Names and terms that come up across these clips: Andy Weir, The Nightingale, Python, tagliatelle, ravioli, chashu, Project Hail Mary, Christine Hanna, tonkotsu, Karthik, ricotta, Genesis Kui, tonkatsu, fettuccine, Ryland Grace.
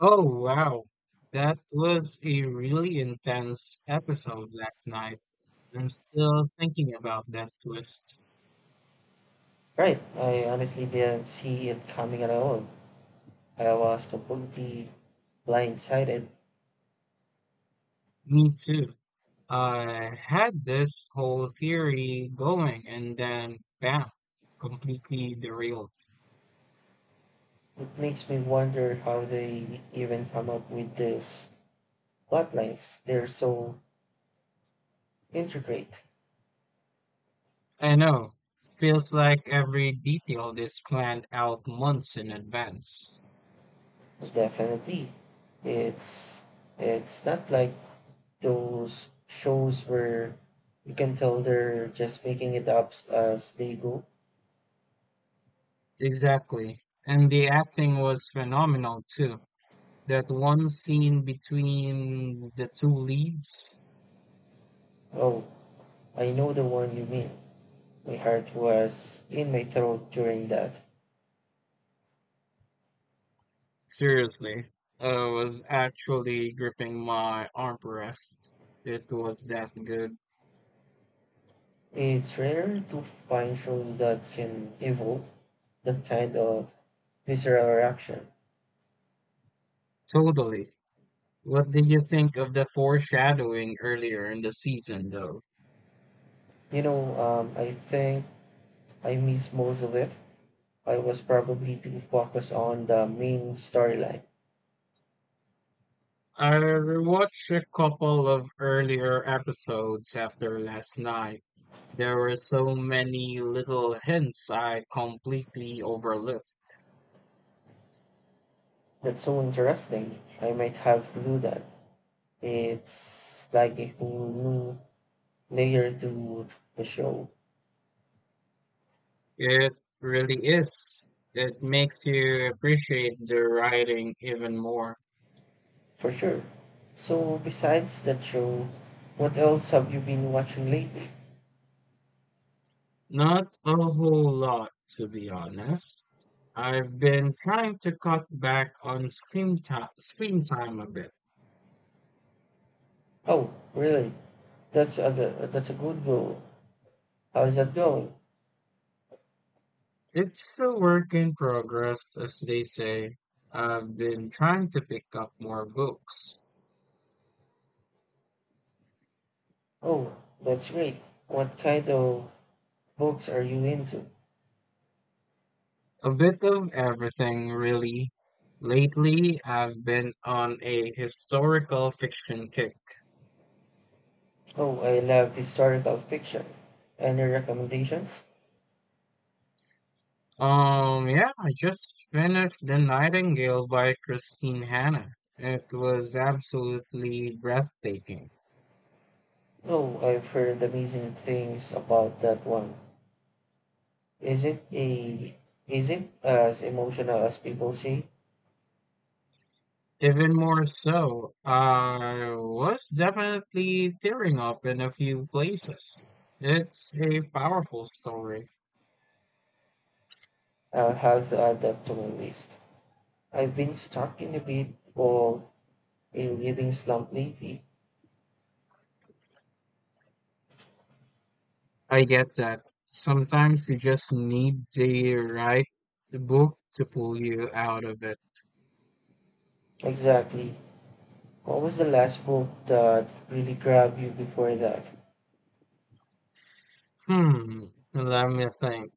Oh wow, that was a really intense episode last night. I'm still thinking about that twist. Right. I honestly didn't see it coming at all. I was completely blindsided. Me too. I had this whole theory going and then bam, completely derailed. It makes me wonder how they even come up with these plot lines. They're so intricate. I know. Feels like every detail is planned out months in advance. Definitely. It's it's not like those shows where you can tell they're just making it up as they go. Exactly. And the acting was phenomenal too. That one scene between the two leads. Oh, I know the one you mean. My heart was in my throat during that. Seriously, I was actually gripping my armrest. It was that good. It's rare to find shows that can evoke that kind of visceral reaction. Totally. What did you think of the foreshadowing earlier in the season, though? I think I missed most of it. I was probably too focused on the main storyline. I rewatched a couple of earlier episodes after last night. There were so many little hints I completely overlooked. That's so interesting. I might have to do that. It's like a whole new layer to the show, It really is. It makes you appreciate the writing even more. for sure. So, besides that show, what else have you been watching lately? Not a whole lot, to be honest. I've been trying to cut back on screen time a bit. Oh, really? That's a good goal. How's that going? It's a work in progress, as they say. I've been trying to pick up more books. Oh, that's great. What kind of books are you into? A bit of everything, really. Lately, I've been on a historical fiction kick. Oh, I love historical fiction. Any recommendations? Yeah, I just finished The Nightingale by Christine Hanna. It was absolutely breathtaking. Oh, I've heard amazing things about that one. Is it a is it as emotional as people say? Even more so, I was definitely tearing up in a few places. It's a powerful story. I'll have to add that to my list. I've been stuck in a bit of a reading slump lately. I get that. Sometimes you just need the right book to pull you out of it. Exactly. What was the last book that really grabbed you before that? Hmm, let me think.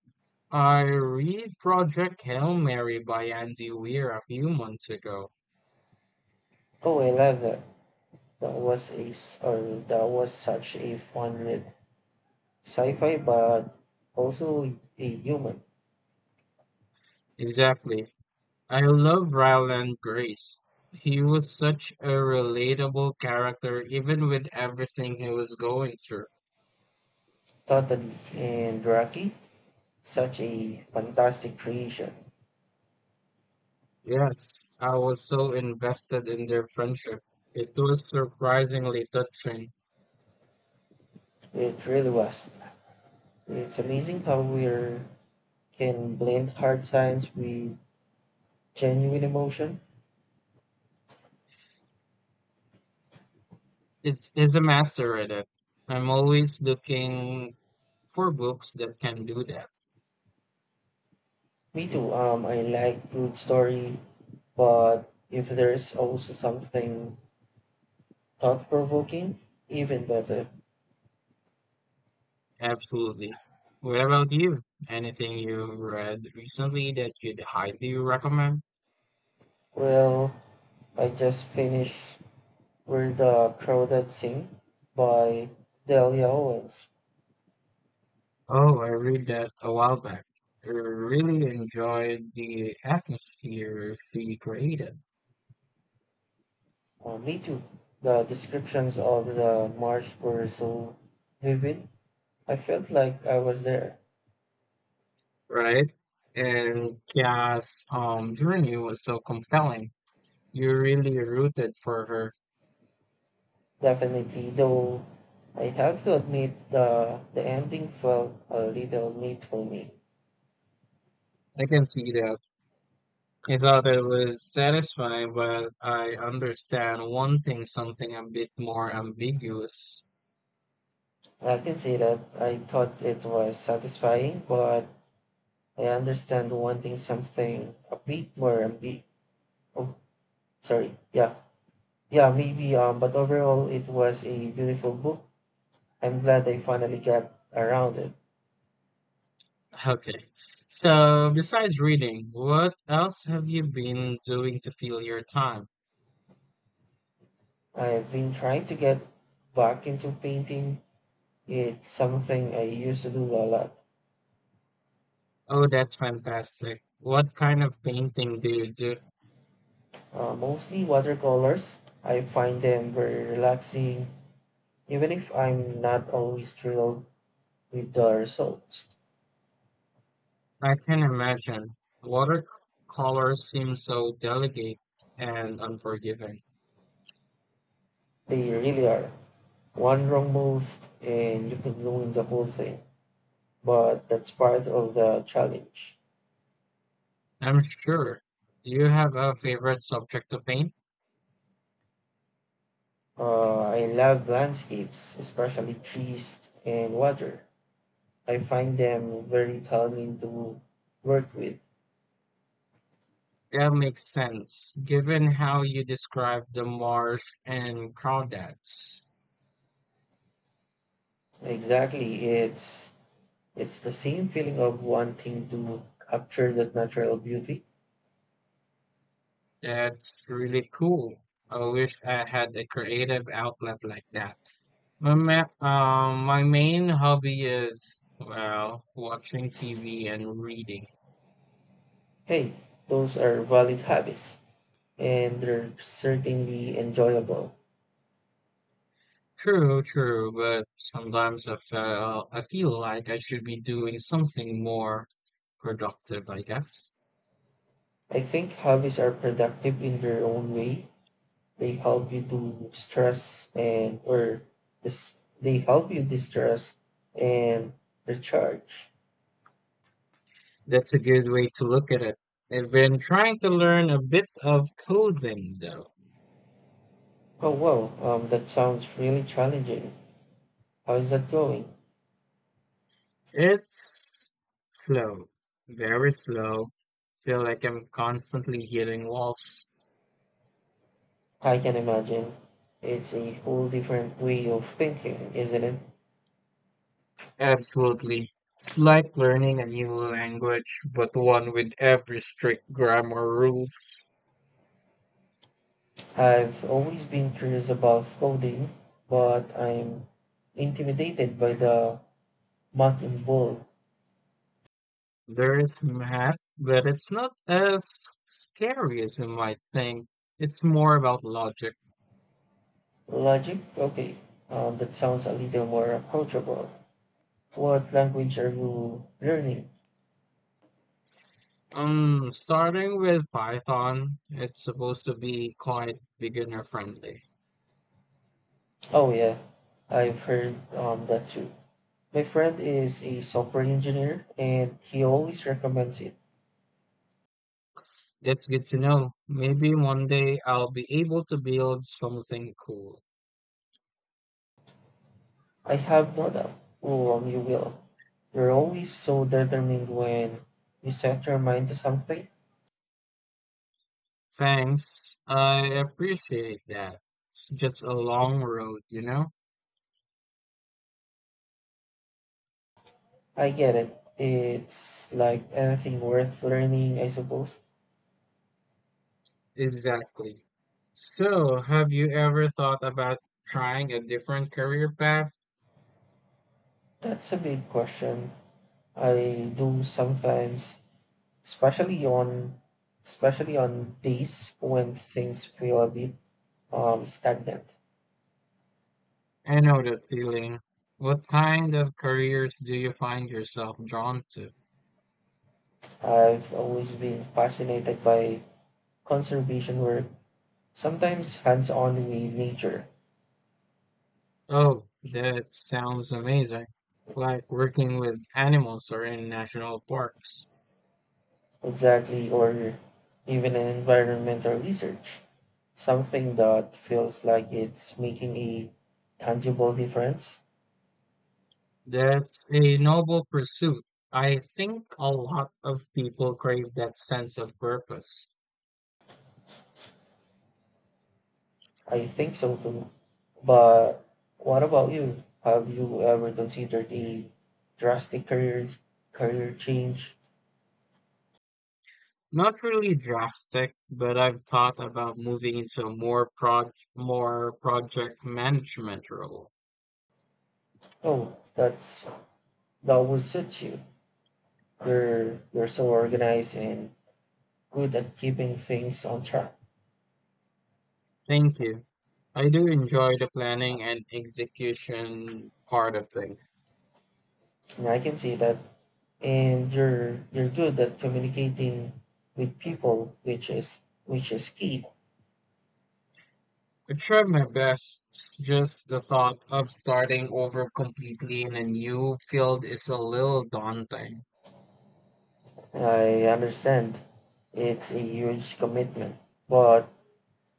I read Project Hail Mary by Andy Weir a few months ago. Oh, I love that. That was a s- or that was such a fun myth. Sci-fi, but also a human. Exactly. I love Ryland Grace. He was such a relatable character, even with everything he was going through. Totally. And Rocky, such a fantastic creation. Yes, I was so invested in their friendship. It was surprisingly touching. It really was. It's amazing how we can blend hard science with genuine emotion. It's is a master at it. I'm always looking for books that can do that. Me too. I like good story, but if there's also something thought-provoking, even better. Absolutely. What about you? Anything you've read recently that you'd highly recommend? Well, I just finished were The Crowded Sea by Delia Owens. Oh, I read that a while back. I really enjoyed the atmosphere she created, Me too. The descriptions of the march were so vivid. I felt like I was there. right? And Kia's journey was so compelling. You really rooted for her. Definitely, though I have to admit the ending felt a little neat for me. I can see that. I thought it was satisfying, but I understand wanting something a bit more ambiguous. I can say that I thought it was satisfying, but I understand wanting something a bit more oh sorry. Yeah. Yeah, maybe but overall it was a beautiful book. I'm glad I finally got around it. Okay. So, besides reading, what else have you been doing to fill your time? I've been trying to get back into painting. It's something I used to do a lot, Oh, that's fantastic. What kind of painting do you do? Mostly watercolors. I find them very relaxing, even if I'm not always thrilled with the results. I can imagine. Watercolor seems so delicate and unforgiving. They really are. One wrong move and you can ruin the whole thing, but that's part of the challenge. I'm sure. Do you have a favorite subject to paint? I love landscapes, especially trees and water. I find them very calming to work with. That makes sense, given how you describe the marsh and crawdads. Exactly. It's the same feeling of wanting to capture that natural beauty. That's really cool. I wish I had a creative outlet like that. My main hobby is well, watching TV and reading. Hey, those are valid hobbies and they're certainly enjoyable. True, true, but sometimes I feel like I should be doing something more productive, I guess. I think hobbies are productive in their own way. They help you to stress and or dis- they help you distress and recharge. That's a good way to look at it. I've been trying to learn a bit of coding though. Oh wow, that sounds really challenging. How is that going? It's slow, very slow. Feel like I'm constantly hitting walls. I can imagine. It's a whole different way of thinking, isn't it? Absolutely. It's like learning a new language, but one with every strict grammar rules. I've always been curious about coding, but I'm intimidated by the math involved. There's math, but it's not as scary as you might think. It's more about logic. Logic? Okay, that sounds a little more approachable. What language are you learning? Starting with Python, it's supposed to be quite beginner friendly. Oh, yeah, I've heard that too. My friend is a software engineer and he always recommends it. That's good to know. Maybe one day I'll be able to build something cool. I have no doubt you will. You're always so determined when you set your mind to something. Thanks. I appreciate that. It's just a long road, you know? I get it. It's like anything worth learning, I suppose. Exactly. So, have you ever thought about trying a different career path? That's a big question. I do sometimes, especially on especially on days when things feel a bit stagnant. I know that feeling. What kind of careers do you find yourself drawn to? I've always been fascinated by conservation work, sometimes hands-on with nature. Oh, that sounds amazing. Like working with animals or in national parks. Exactly, or even an environmental research, something that feels like it's making a tangible difference. That's a noble pursuit. I think a lot of people crave that sense of purpose. I think so too. But what about you? Have you ever considered a drastic career career change? Not really drastic, but I've thought about moving into a more project management role. Oh, that's that would suit you. You're so organized and good at keeping things on track. Thank you. I do enjoy the planning and execution part of things. And I can see that and you're good at communicating with people, which is key. I try my best, just the thought of starting over completely in a new field is a little daunting. I understand it's a huge commitment, but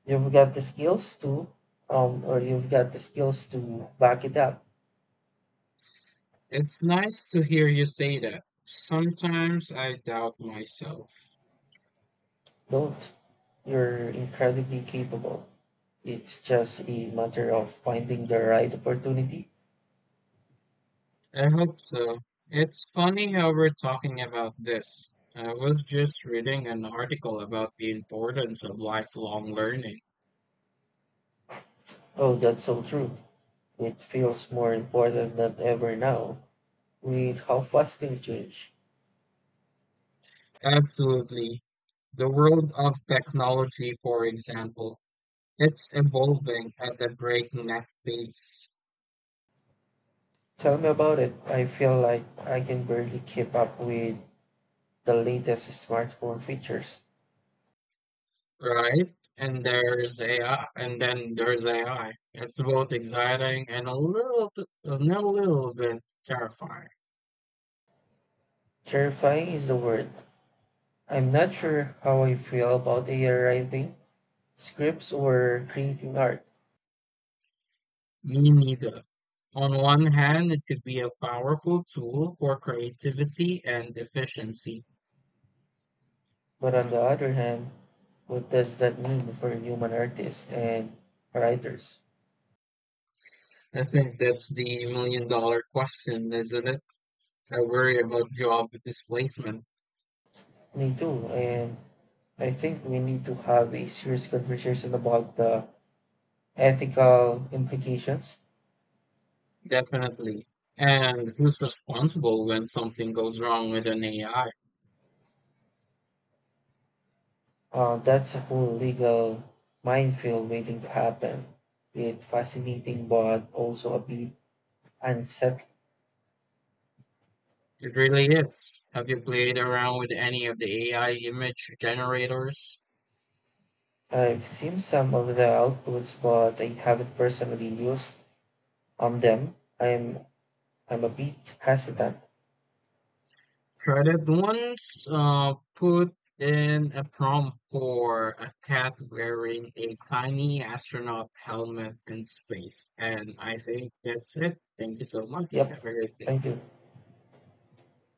you've got the skills to, you've got the skills to back it up. It's nice to hear you say that. Sometimes I doubt myself. Don't. You're incredibly capable. It's just a matter of finding the right opportunity. I hope so. It's funny how we're talking about this. I was just reading an article about the importance of lifelong learning. Oh, that's so true. It feels more important than ever now with how fast things change. Absolutely. The world of technology, for example, it's evolving at a breakneck pace, Tell me about it. I feel like I can barely keep up with the latest smartphone features. right? And there's AI, and then there's AI. It's both exciting and and a little bit terrifying. Terrifying is the word. I'm not sure how I feel about AI writing scripts or creating art, Me neither. On one hand, it could be a powerful tool for creativity and efficiency. but on the other hand, what does that mean for human artists and writers? I think that's the million dollar question, isn't it? I worry about job displacement, Me too, and I think we need to have a serious conversation about the ethical implications. definitely. And who's responsible when something goes wrong with an AI? That's a whole legal minefield waiting to happen. It's fascinating but also a bit unsettling. It really is. Have you played around with any of the AI image generators? I've seen some of the outputs, but I haven't personally used on them. I'm a bit hesitant. Tried it once, put in a prompt for a cat wearing a tiny astronaut helmet in space. And I think that's it. Thank you so much. Yep, Have a great day. thank you.